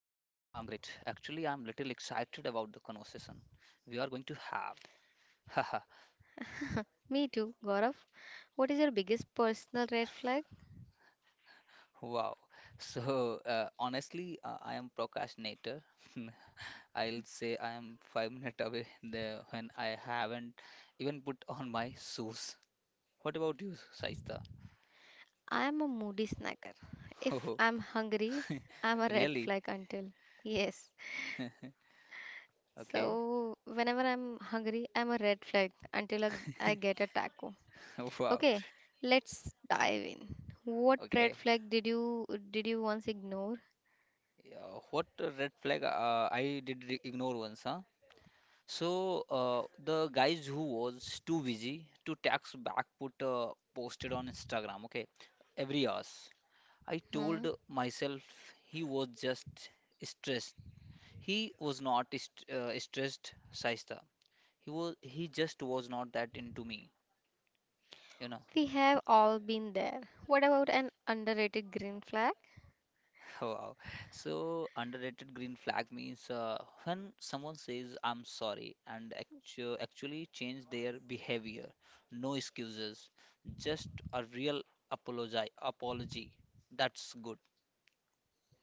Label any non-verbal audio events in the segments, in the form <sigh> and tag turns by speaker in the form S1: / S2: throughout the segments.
S1: excited about the conversation we are going to have. <laughs> Haha,
S2: Me too, Gaurav. What is your biggest personal red flag?
S1: wow. So, honestly, I am procrastinator. <laughs> I'll say I am 5 minutes away there when I haven't even put on my shoes. What about you, Shaista?
S2: I am a moody snacker.
S1: <laughs>
S2: If
S1: Oh,
S2: I'm hungry, I'm a red
S1: really?
S2: flag until yes.
S1: Okay.
S2: So whenever I'm hungry, I'm a red flag until I get a taco.
S1: <laughs> Wow.
S2: Okay, let's dive in. What red
S1: Okay.
S2: flag did you once ignore?
S1: Yeah, what a red flag I did ignore once, huh? So the guys who was too busy to text back put posted on Instagram. Okay, every hours. I told
S2: Hmm?
S1: myself he was just stressed. He was not st stressed, Saista. He just was not that into me. You know.
S2: We have all been there. What about an underrated green flag?
S1: Wow. So underrated green flag means when someone says I'm sorry and actually change their behavior. No excuses, just a real apology. Apology. That's good.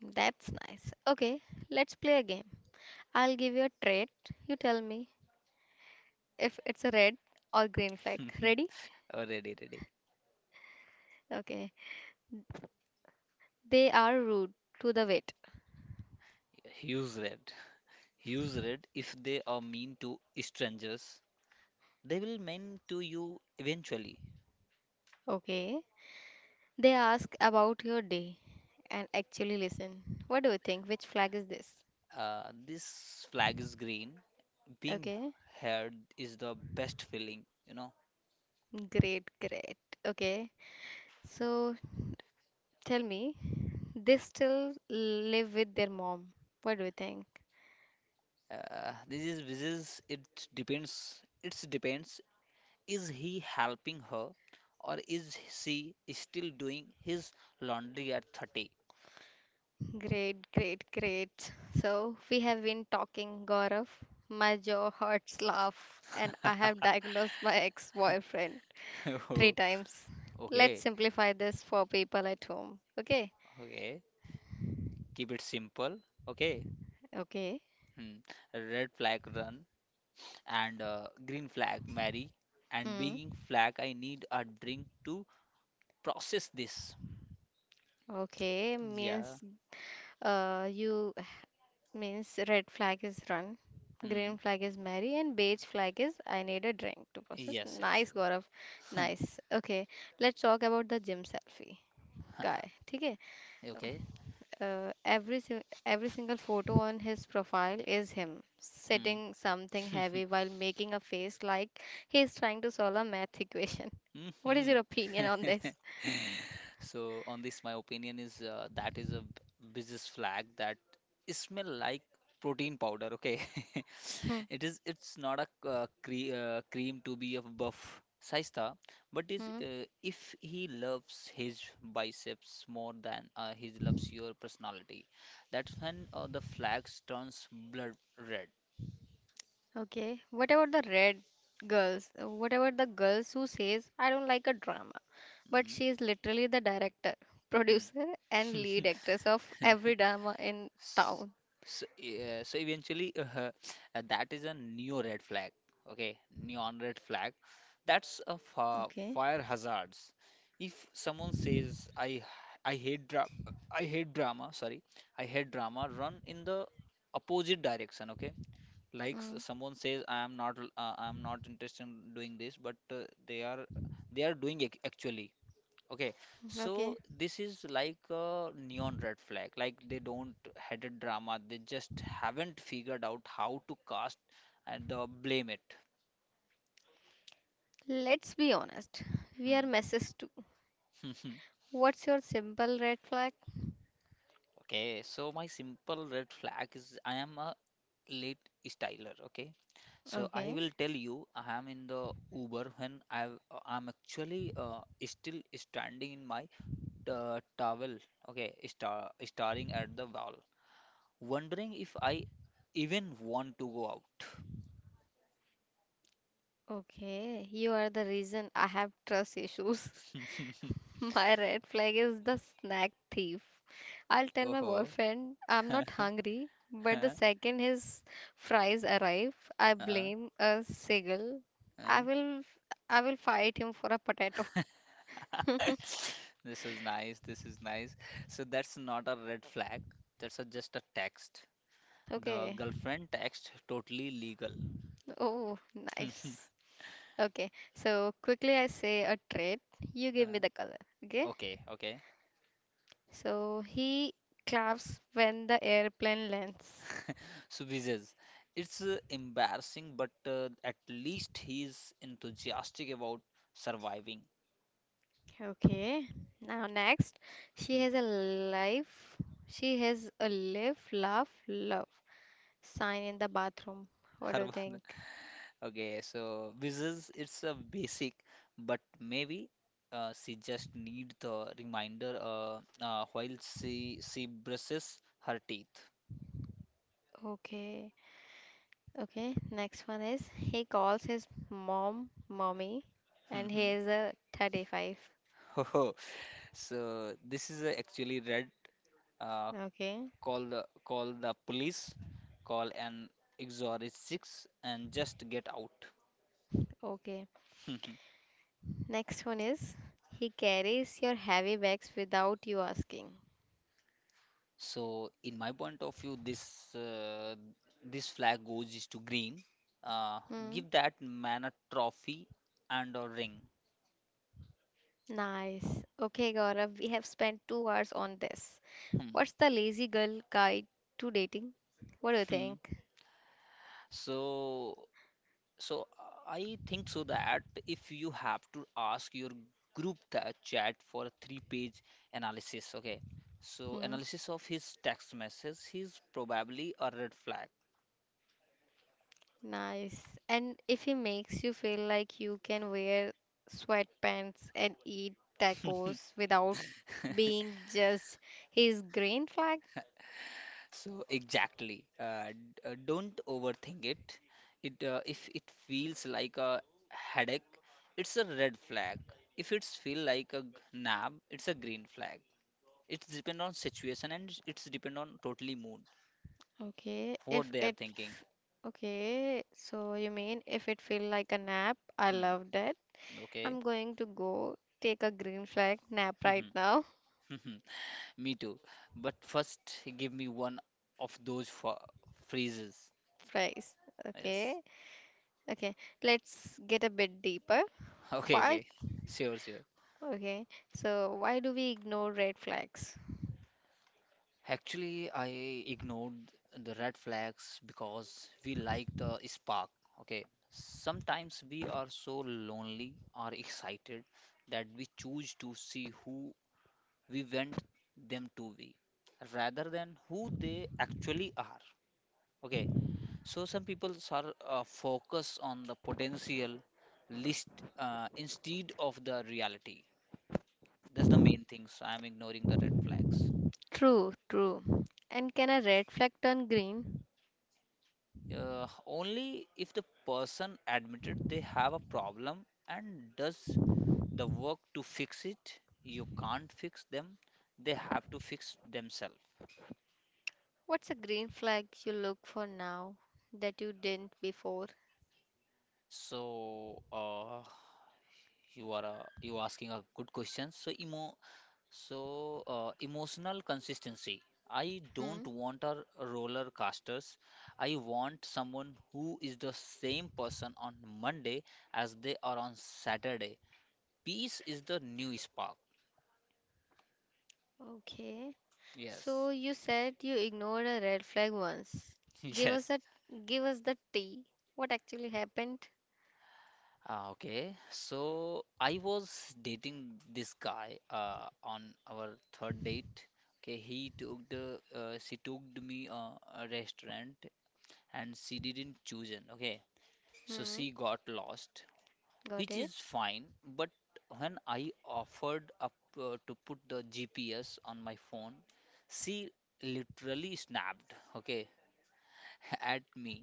S2: That's nice. Okay, let's play a game. I'll give you a trait. You tell me if it's a red or green flag.
S1: <laughs>
S2: Ready?
S1: Oh, ready, ready.
S2: Okay. They are rude to the wait.
S1: Use red. Use red if they are mean to strangers. They will mean to you eventually.
S2: Okay. They ask about your day and actually listen. What do you think? Which flag is this?
S1: This flag is green. Being
S2: Okay.
S1: heard is the best feeling, you know.
S2: Great, great. Okay. So tell me, they still live with their mom. What do you think?
S1: This is it depends. It depends. Is he helping her, or is she still doing his laundry at 30?
S2: Great, great, great. So we have been talking, Gaurav. My jaw hurts, laugh, and I have
S1: <laughs>
S2: diagnosed my ex-boyfriend three
S1: Oh,
S2: times. Let's
S1: okay,
S2: simplify this for people at home. Okay?
S1: okay. Keep it simple. Okay.
S2: Okay.
S1: Hmm. Red flag run and green flag marry and
S2: Hmm.
S1: being flag I need a drink to process this.
S2: Okay
S1: Yeah.
S2: means you means red flag is run, green
S1: Hmm.
S2: flag is marry, and beige flag is I need a drink to process.
S1: Yes, yes.
S2: Nice, Gaurav. Nice. Okay. Let's talk about the gym selfie guy. ठीक है.
S1: <laughs> Okay.
S2: Every single photo on his profile is him
S1: Hmm.
S2: sitting
S1: <laughs>
S2: something heavy while making a face like he's trying to solve a math equation. <laughs> What is your
S1: Mhm.
S2: opinion on this?
S1: <laughs> So on this, my opinion is that is a business flag that smell like protein powder. Okay, <laughs>
S2: Hmm.
S1: it is. It's not a cream to be a buff Saista, but is
S2: Hmm.
S1: if he loves his biceps more than he loves your personality, that's when the flags turns blood red.
S2: Okay. What about the red girls? What about the girls who says I don't like a drama, but she is literally the director, <laughs> producer, and lead
S1: Mhm.
S2: actress of
S1: Hmm. <laughs>
S2: every drama in
S1: S-
S2: town.
S1: So, yeah, so eventually, <laughs> that is a neo red flag. Okay, neon red flag. That's a fa
S2: Okay.
S1: fire hazards. If someone says, I hate dra I hate drama," sorry, I hate drama, run in the opposite direction. Okay, like
S2: Mm,
S1: someone says, "I am not l- I am not interested in doing this," but they are they are doing it actually. Okay, so
S2: okay.
S1: this is like a neon red flag. Like they don't had a drama. They just haven't figured out how to cast and blame it.
S2: Let's be honest. We are
S1: Hmm.
S2: messes too.
S1: <laughs>
S2: What's your simple red flag?
S1: Okay, so my simple red flag is I am a late styler. Okay, so I
S2: Okay.
S1: will tell you I am in the Uber when I I'm actually still standing in my towel. Okay, staring at the wall, wondering if I even want to go out.
S2: Okay, you are the reason I have trust issues.
S1: <laughs>
S2: <laughs> My red flag is the snack thief. I'll tell my
S1: Oh,
S2: boyfriend I'm
S1: <laughs>
S2: not hungry, but the
S1: uh,
S2: second his fries arrive, I
S1: uh.
S2: blame a seagull. I will I will fight him for a potato.
S1: <laughs> This is nice. This is nice. So that's not a red flag. That's a, just a text. The
S2: Okay.
S1: girlfriend text totally legal.
S2: Oh,
S1: <laughs>
S2: nice. Okay. So quickly I say a trait. You give me
S1: Uh,
S2: the color. Okay?
S1: okay, okay.
S2: So he claps when the airplane lands.
S1: So Vijay, it's embarrassing, but at least he's enthusiastic about surviving.
S2: Okay. Now next, she
S1: Hmm.
S2: has a life. She has a live, laugh, love sign in the bathroom. What
S1: <laughs>
S2: do
S1: Her.
S2: you think?
S1: Okay, so Wizzes, it's a basic, but maybe she just need the reminder while she brushes her teeth.
S2: Okay. Okay, next one is he calls his mom mommy and he is
S1: <laughs>
S2: a 35.
S1: Oh, so this is actually red. Uh,
S2: Okay.
S1: call the police, call an exorcist and just get out.
S2: Okay.
S1: <laughs>
S2: Next one is he carries your heavy bags without you asking.
S1: So, in my point of view, this flag goes is to green. Uh,
S2: Hmm.
S1: give that man a trophy and a ring.
S2: Nice. Okay, Gaurav, we have spent 2 hours on this.
S1: Hmm.
S2: What's the lazy girl guide to dating? What do you
S1: Hmm.
S2: think?
S1: So, so, I think so that if you have to ask your group the chat for a three-page analysis, okay? So,
S2: Hmm,
S1: analysis of his text message, he's probably a red flag.
S2: nice. And if he makes you feel like you can wear sweatpants and eat
S1: <laughs>
S2: tacos without being just his green flag?
S1: So exactly, don't overthink it. If it feels like a headache, it's a red flag. If it's feel like a nap, it's a green flag. It's depend on situation and it's depend on totally mood,
S2: Okay,
S1: what
S2: if
S1: they are
S2: it,
S1: thinking.
S2: f- okay, so you mean if it feel like a nap? I
S1: Hmm.
S2: love that.
S1: Okay.
S2: I'm going to go take a green flag nap
S1: <laughs>
S2: right
S1: Mhm,
S2: now.
S1: mhm. Me too. But first, give me one of those for freezes.
S2: Fries. Okay.
S1: Yes.
S2: Okay. Let's get a bit deeper.
S1: <laughs> Okay.
S2: Why?
S1: Okay. Sure. Sure.
S2: Okay. So, why do we ignore red flags?
S1: Actually, I ignored the red flags because we like the spark. Okay. Sometimes we are so lonely or excited that we choose to see who we want them to be rather than who they actually are. Okay. So some people are focused on the potential list instead of the reality. That's the main things. I'm ignoring the red flags.
S2: True, true. And can a red flag turn green?
S1: Only if the person admitted they have a problem and does the work to fix it. You can't fix them, they have to fix themselves.
S2: What's a green flag you look for now that you didn't before?
S1: So, you are you asking a good question. So, emotional consistency. I don't
S2: Hmm.
S1: want a roller casters. I want someone who is the same person on Monday as they are on Saturday. Peace is the new spark.
S2: Okay.
S1: Yes.
S2: So you said you ignored a red flag once.
S1: <laughs>
S2: Give us
S1: Yes.
S2: the tea. What actually happened?
S1: Ah, okay. So I was dating this guy on our third date. Okay, he took the she took me a restaurant and she didn't choose it. Okay, so
S2: Hmm.
S1: she got lost,
S2: Got
S1: which
S2: it.
S1: is fine. But when I offered up to put the GPS on my phone, she literally snapped. Okay, <laughs> at me.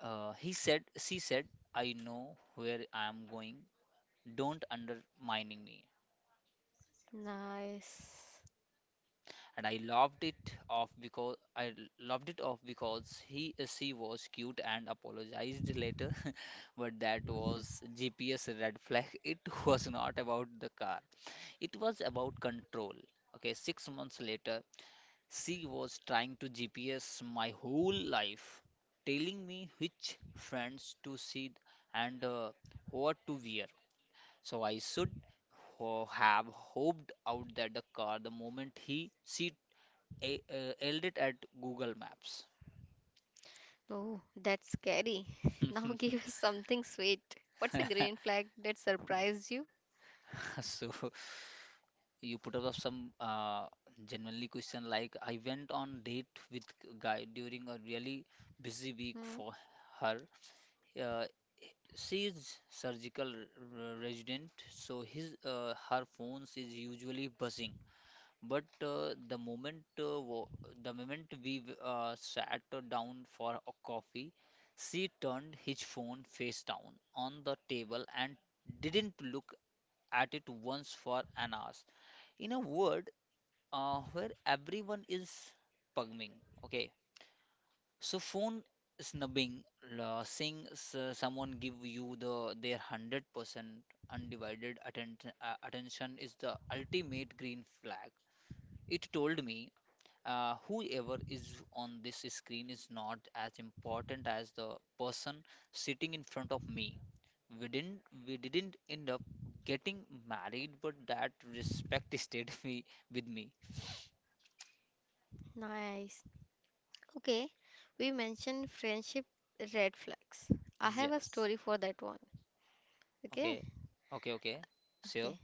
S1: She said, I know where I am going. Don't undermining me.
S2: Nice.
S1: And I loved it off because he she was cute and apologized later, <laughs> but that was GPS red flag. <laughs> It was not about the car. It was about control. Okay, 6 months later, she was trying to GPS my whole life, telling me which friends to see and what to wear. So I should have hoped out that the car the moment yelled it at Google Maps.
S2: Oh, that's scary. <laughs> Now give us something sweet. What's a green flag that surprised you?
S1: <laughs> So you put up some genuinely question like I went on date with a guy during a really busy week
S2: Hmm,
S1: for her. Uh, she is surgical resident, so his her phones is usually buzzing. But the moment sat down for a coffee, she turned his phone face down on the table and didn't look at it once for an hour. In a world where everyone is pugging, okay, so phone snubbing, seeing someone give you the their 100% undivided attention is the ultimate green flag. It told me whoever is on this screen is not as important as the person sitting in front of me. We didn't we didn't end up getting married, but that respect <laughs> stayed me with me.
S2: nice. Okay, we mentioned friendship red flags. I have a
S1: Yes.
S2: story for that one. Okay,
S1: Okay. Okay. Okay.
S2: okay.
S1: So.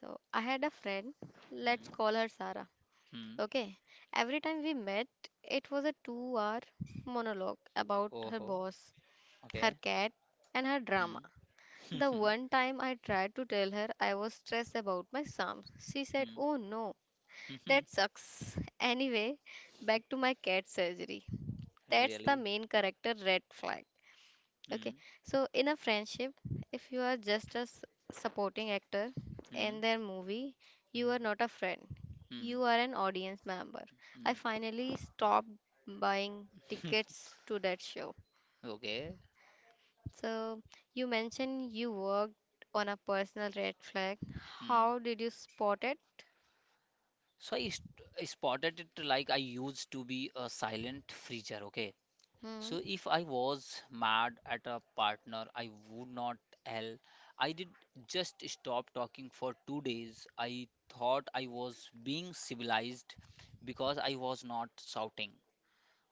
S2: So I had a friend, let's
S1: Hmm.
S2: call her Sarah.
S1: Hmm.
S2: Okay, every time we met, it was a 2 hour monologue about
S1: Oh,
S2: her
S1: ho,
S2: boss, her
S1: okay.
S2: cat, and her drama.
S1: Hmm.
S2: The
S1: <laughs>
S2: one time I tried to tell her I was stressed about my exam, she said,
S1: Hmm.
S2: "Oh no,
S1: Hmm. Hmm.
S2: that sucks. Anyway, back to my cat surgery." That's the
S1: Really.
S2: main character red flag. Okay,
S1: Hmm.
S2: so in a friendship, if you are just supporting actor
S1: Hmm.
S2: in their movie, you are
S1: Hmm.
S2: not a friend.
S1: Hmm.
S2: You are an audience member. I
S1: Hmm.
S2: finally stopped buying tickets to that show.
S1: Okay.
S2: So, you mentioned you worked on a personal red flag.
S1: Hmm.
S2: How did you spot it?
S1: So I spotted it like I used to be a silent freezer, okay?
S2: Hmm.
S1: So if I was mad at a partner, I would not tell. I did just stop talking for 2 days. I thought I was being civilized because I was not shouting.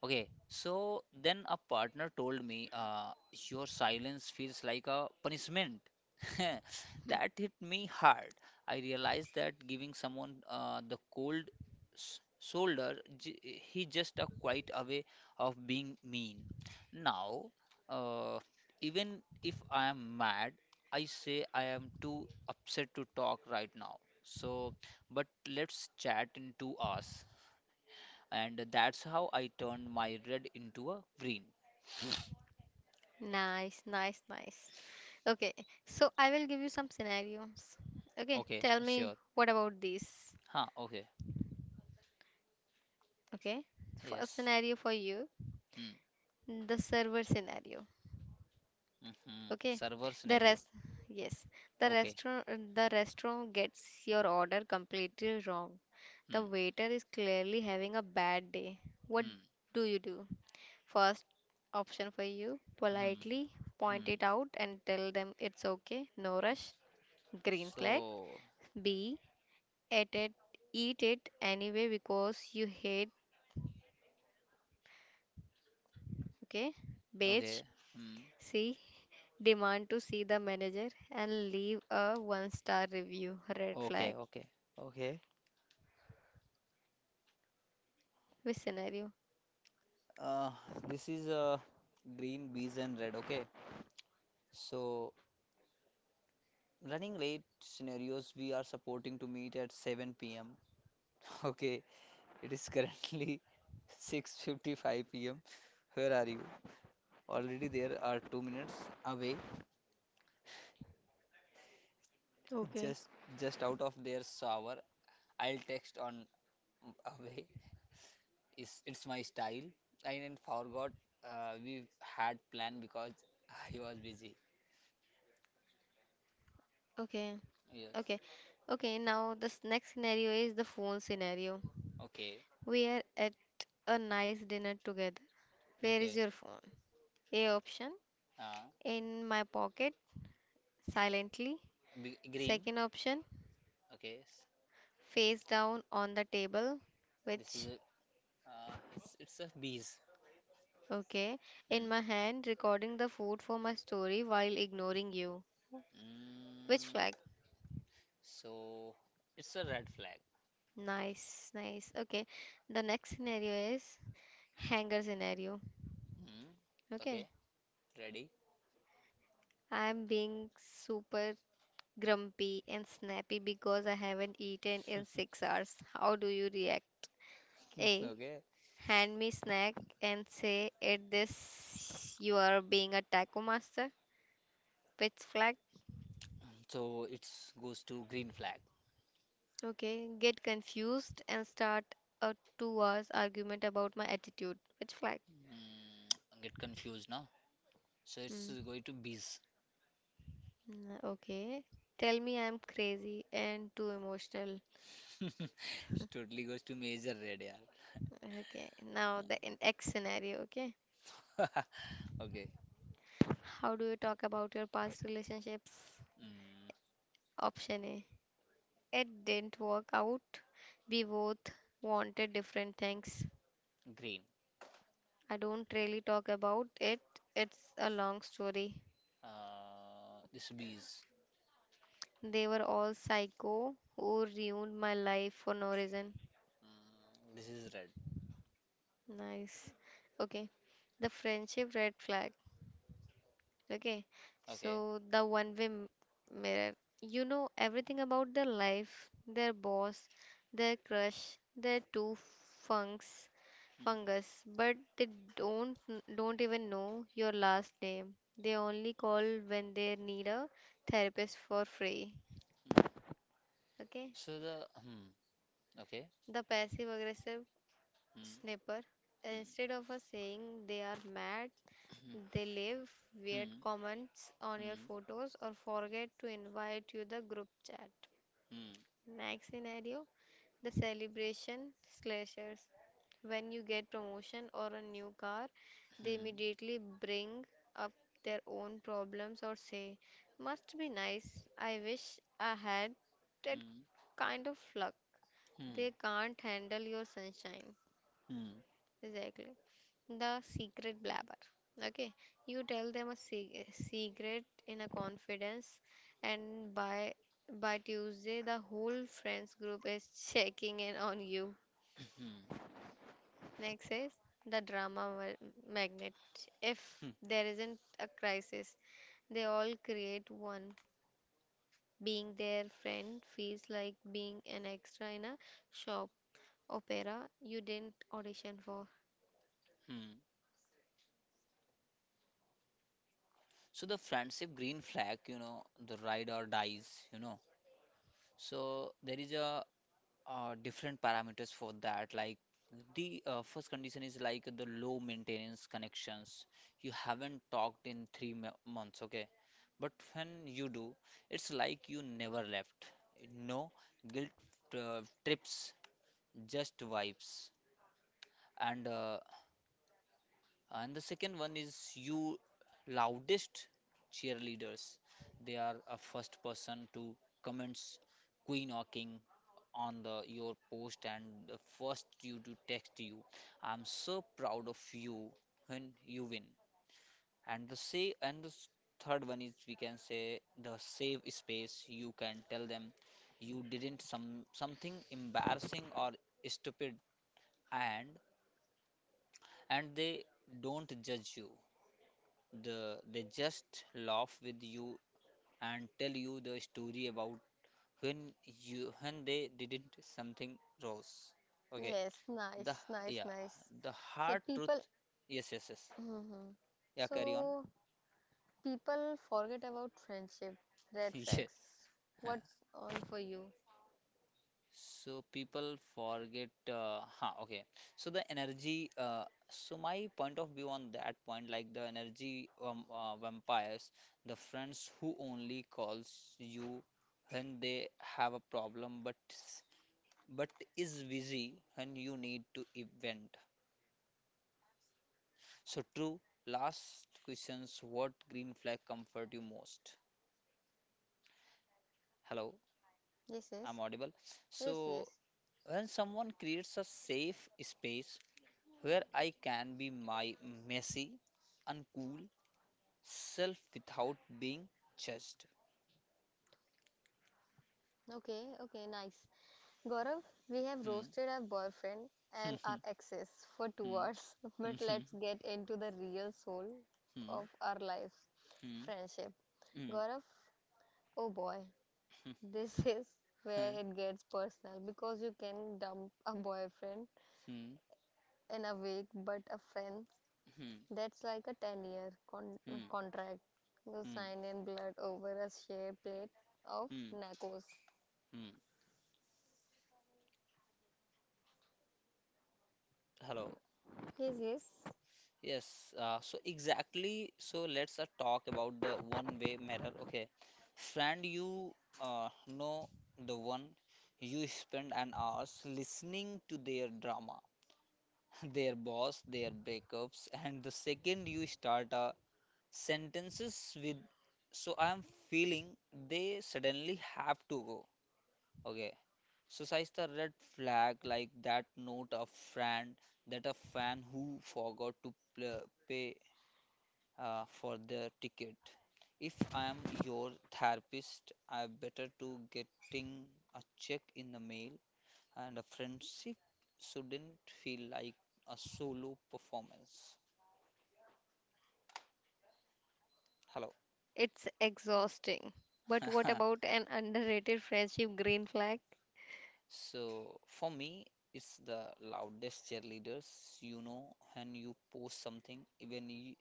S1: Okay, so then a partner told me, your silence feels like a punishment. <laughs> That hit me hard. I realized that giving someone the cold shoulder, he just a quiet away of being mean. Now, uh, even if I am mad, I say I am too upset to talk right now. So, but let's chat in 2 hours and that's how I turned my red into a green.
S2: Nice, nice, nice. Okay, so I will give you some scenarios. Okay,
S1: Okay,
S2: tell me
S1: sure.
S2: what about these?
S1: Huh, okay.
S2: Okay, first
S1: Yes.
S2: scenario for you,
S1: Hmm.
S2: the server scenario.
S1: Mm-hmm.
S2: Okay,
S1: Server
S2: the
S1: scenario.
S2: rest, yes, the
S1: Okay.
S2: restaurant, the restaurant gets your order completely wrong. The
S1: Hmm.
S2: waiter is clearly having a bad day. What
S1: Hmm.
S2: do you do? First option for you,
S1: Hmm.
S2: politely point
S1: Hmm.
S2: it out and tell them it's okay, no rush. Green flag.
S1: So,
S2: B. Eat it, eat it anyway because you hate. Okay. Beige.
S1: okay. Hmm.
S2: C. Demand to see the manager and leave a one star review. Red
S1: Okay,
S2: flag.
S1: okay. Okay.
S2: Which scenario?
S1: Uh, this is green, bees, and red. Okay. So running late scenarios, we are supporting to meet at 7 p.m. <laughs> Okay. It is currently <laughs> 6:55 p.m. Where are you? Already there are 2 minutes away,
S2: Okay.
S1: just just out of their shower. I'll text on away. Is it's my style. I didn't forgot we had planned because I was busy.
S2: Okay,
S1: Yes.
S2: okay, okay. Now, this next scenario is the phone scenario.
S1: Okay.
S2: We are at a nice dinner together. Where is
S1: Okay.
S2: your phone? A option,
S1: Uh,
S2: in my pocket silently.
S1: be green.
S2: Second option,
S1: Okay.
S2: face down on the table,
S1: This is
S2: which,
S1: a it's a bees.
S2: okay,
S1: Hmm.
S2: in my hand, recording the food for my story while ignoring you. Which
S1: Mm,
S2: flag?
S1: so it's a red flag.
S2: Nice, nice. Okay, the next scenario is hanger scenario.
S1: Hmm.
S2: Okay,
S1: Okay. Ready.
S2: I'm being super grumpy and snappy because I haven't eaten in 6 hours. How do you react?
S1: <laughs>
S2: A.
S1: Okay.
S2: Hand me snack and say at this you are being a taco master. Which flag?
S1: So it goes to green flag.
S2: Okay, get confused and start a 2 hours argument about my attitude. Which flag?
S1: Mm, I get confused now. So it's
S2: Hmm.
S1: going to bees.
S2: Mm, okay, tell me I'm crazy and too emotional.
S1: <laughs> It totally goes to major red, yeah.
S2: Okay, now the in x scenario. Okay,
S1: Okay.
S2: how do you talk about your past relationships?
S1: Mm,
S2: Option A. It didn't work out, we both wanted different things.
S1: green.
S2: I don't really talk about it. It's a long story.
S1: This bees.
S2: They were all psycho who ruined my life for no reason.
S1: Mm, this is red.
S2: Nice. Okay. The friendship red flag. Okay,
S1: Okay.
S2: so the one-way mirror. You know everything about their life, their boss, their crush, their funks,
S1: Mm,
S2: fungus, but they don't even know your last name. They only call when they need a therapist for free.
S1: mm.
S2: Okay,
S1: So the hmm. Okay.
S2: the passive aggressive
S1: Hmm.
S2: Snapper.
S1: Hmm.
S2: Instead of a saying they are mad, they
S1: <coughs>
S2: leave weird
S1: Hmm.
S2: comments on your
S1: Hmm.
S2: photos or forget to invite you the group chat.
S1: Hmm.
S2: Next scenario, the celebration slashers. When you get promotion or a new car, they
S1: Hmm.
S2: immediately bring up their own problems or say, "Must be nice. I wish I had that kind of luck."
S1: Hmm. Hmm.
S2: They can't handle your sunshine.
S1: Hmm.
S2: Exactly. The secret blabber. Okay. You tell them secret in a confidence, and by Tuesday, the whole friends group is checking in on you.
S1: Hmm.
S2: Next is the magnet. If
S1: Hmm.
S2: there isn't a crisis, they all create one. Being their friend feels like being an extra in a shop opera you didn't audition for.
S1: Hmm. So the friendship green flag, you know, the ride or dies, you know. So there is a different parameters for that. Like the first condition is like the low maintenance connections. You haven't talked in months, okay? But when you do, it's like you never left. No guilt trips, just vibes. And uh, and the second one is you loudest cheerleaders. They are a first person to comments, queen or king on the your post and the first you to text you. I'm so proud of you when you win. And the say and the s- third one is we can say the save space. You can tell them you didn't some something embarrassing or stupid and and they don't judge you. They just laugh with you and tell you the story about when when they didn't something rose. Okay.
S2: Yes,
S1: The
S2: nice, nice,
S1: yeah,
S2: nice.
S1: the
S2: So
S1: hard truth.
S2: people
S1: Yes, yes, yes.
S2: hmm.
S1: Yeah, carry on.
S2: So
S1: <laughs>
S2: people forget about friendship red
S1: Yes.
S2: flags.
S1: Huh.
S2: What's on for you?
S1: So people forget. Huh, okay. So the energy. So my point of view on that point, like the energy vampires, the friends who only calls you when they have a problem, but but is busy when you need to event. So true. Last questions. What green flag comfort you most? Hello.
S2: Yes,
S1: I'm
S2: yes,
S1: audible.
S2: yes,
S1: So,
S2: yes.
S1: when someone creates a safe space where I can be my messy, uncool self without being judged.
S2: Okay, okay, nice. Gaurav, we have
S1: Hmm.
S2: roasted our boyfriend and our
S1: <laughs>
S2: exes for two
S1: Hmm.
S2: hours, <laughs>
S1: Hmm.
S2: but let's get into the real soul of our life, friendship.
S1: Hmm. Hmm.
S2: Gaurav, oh boy, this <laughs> is where it gets personal because you can dump a boyfriend
S1: Hmm. Hmm.
S2: in a week, but a friend,
S1: Hmm.
S2: that's like a 10 year
S1: Hmm. Hmm. Hmm.
S2: contract you
S1: Hmm.
S2: sign in blood over a share plate of
S1: Hmm.
S2: nachos.
S1: Hmm. Hello.
S2: Yes, yes.
S1: Yes, so exactly. So let's talk about the one-way mirror. Okay, friend, you know the one you spend an hours listening to their drama, <laughs> their boss, their breakups, and the second you start sentences with "so I am feeling," they suddenly have to go. Okay, so size the red flag like that note of friend that a fan who forgot to pay for their ticket. If I am your therapist, I better to getting a check in the mail and a friendship shouldn't feel like a solo performance. Hello.
S2: It's exhausting. But what
S1: <laughs>
S2: about an underrated friendship green flag?
S1: So for me, it's the loudest cheerleaders, you know, when you post something,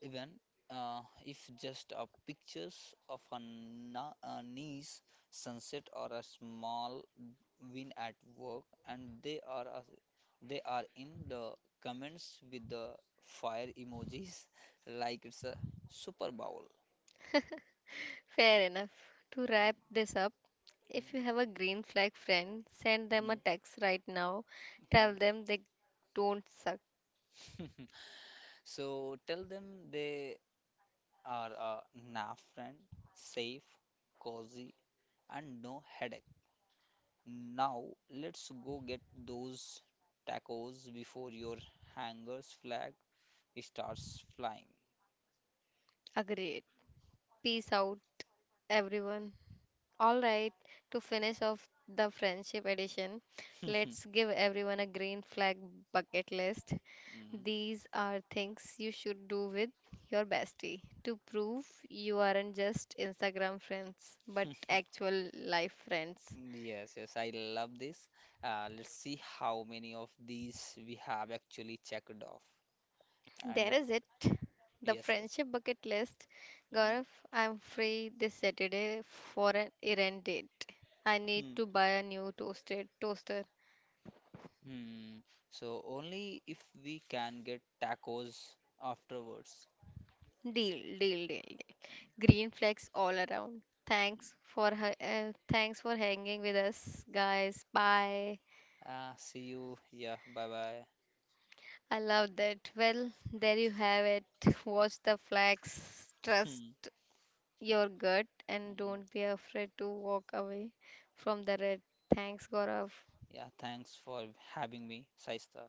S1: even if just a pictures of a, a nice sunset or a small win at work and they are in the comments with the fire emojis <laughs> like it's a super bowl.
S2: Fair enough. To wrap this up, if you
S1: <laughs>
S2: have a green flag friend, send
S1: Mm,
S2: them a
S1: mm,
S2: text right now.
S1: mm,
S2: Tell them they don't suck.
S1: mhm. <laughs> So tell them they are a na friend, safe, cozy, and no headache. Now, let's go get those tacos before your hangar's flag starts flying.
S2: Agreed. Peace out, everyone. All right, to finish off the friendship edition, let's
S1: <laughs>
S2: give everyone a green flag bucket list.
S1: Mm.
S2: These are things you should do with your bestie to prove you aren't just Instagram friends, but
S1: <laughs>
S2: actual life friends.
S1: Yes, yes, I love this. Let's see how many of these we have actually checked off. And
S2: There is it, the
S1: yes, yes.
S2: friendship bucket list. Gaurav, I'm free this Saturday for an errand date. I need
S1: Mm.
S2: to buy a new toasted toaster.
S1: Hmm. Hmm. So only if we can get tacos afterwards.
S2: Deal, deal, deal, deal. Green flags all around. Thanks for hanging with us, guys. Bye.
S1: Ah, see you. Yeah, bye bye.
S2: I love that. Well, there you have it. <laughs> Watch the flags.
S1: <laughs>
S2: Trust
S1: Hmm.
S2: your gut and
S1: Mm.
S2: don't be afraid to walk away from the red. Thanks, Gaurav.
S1: Yeah, thanks for having me, Saista.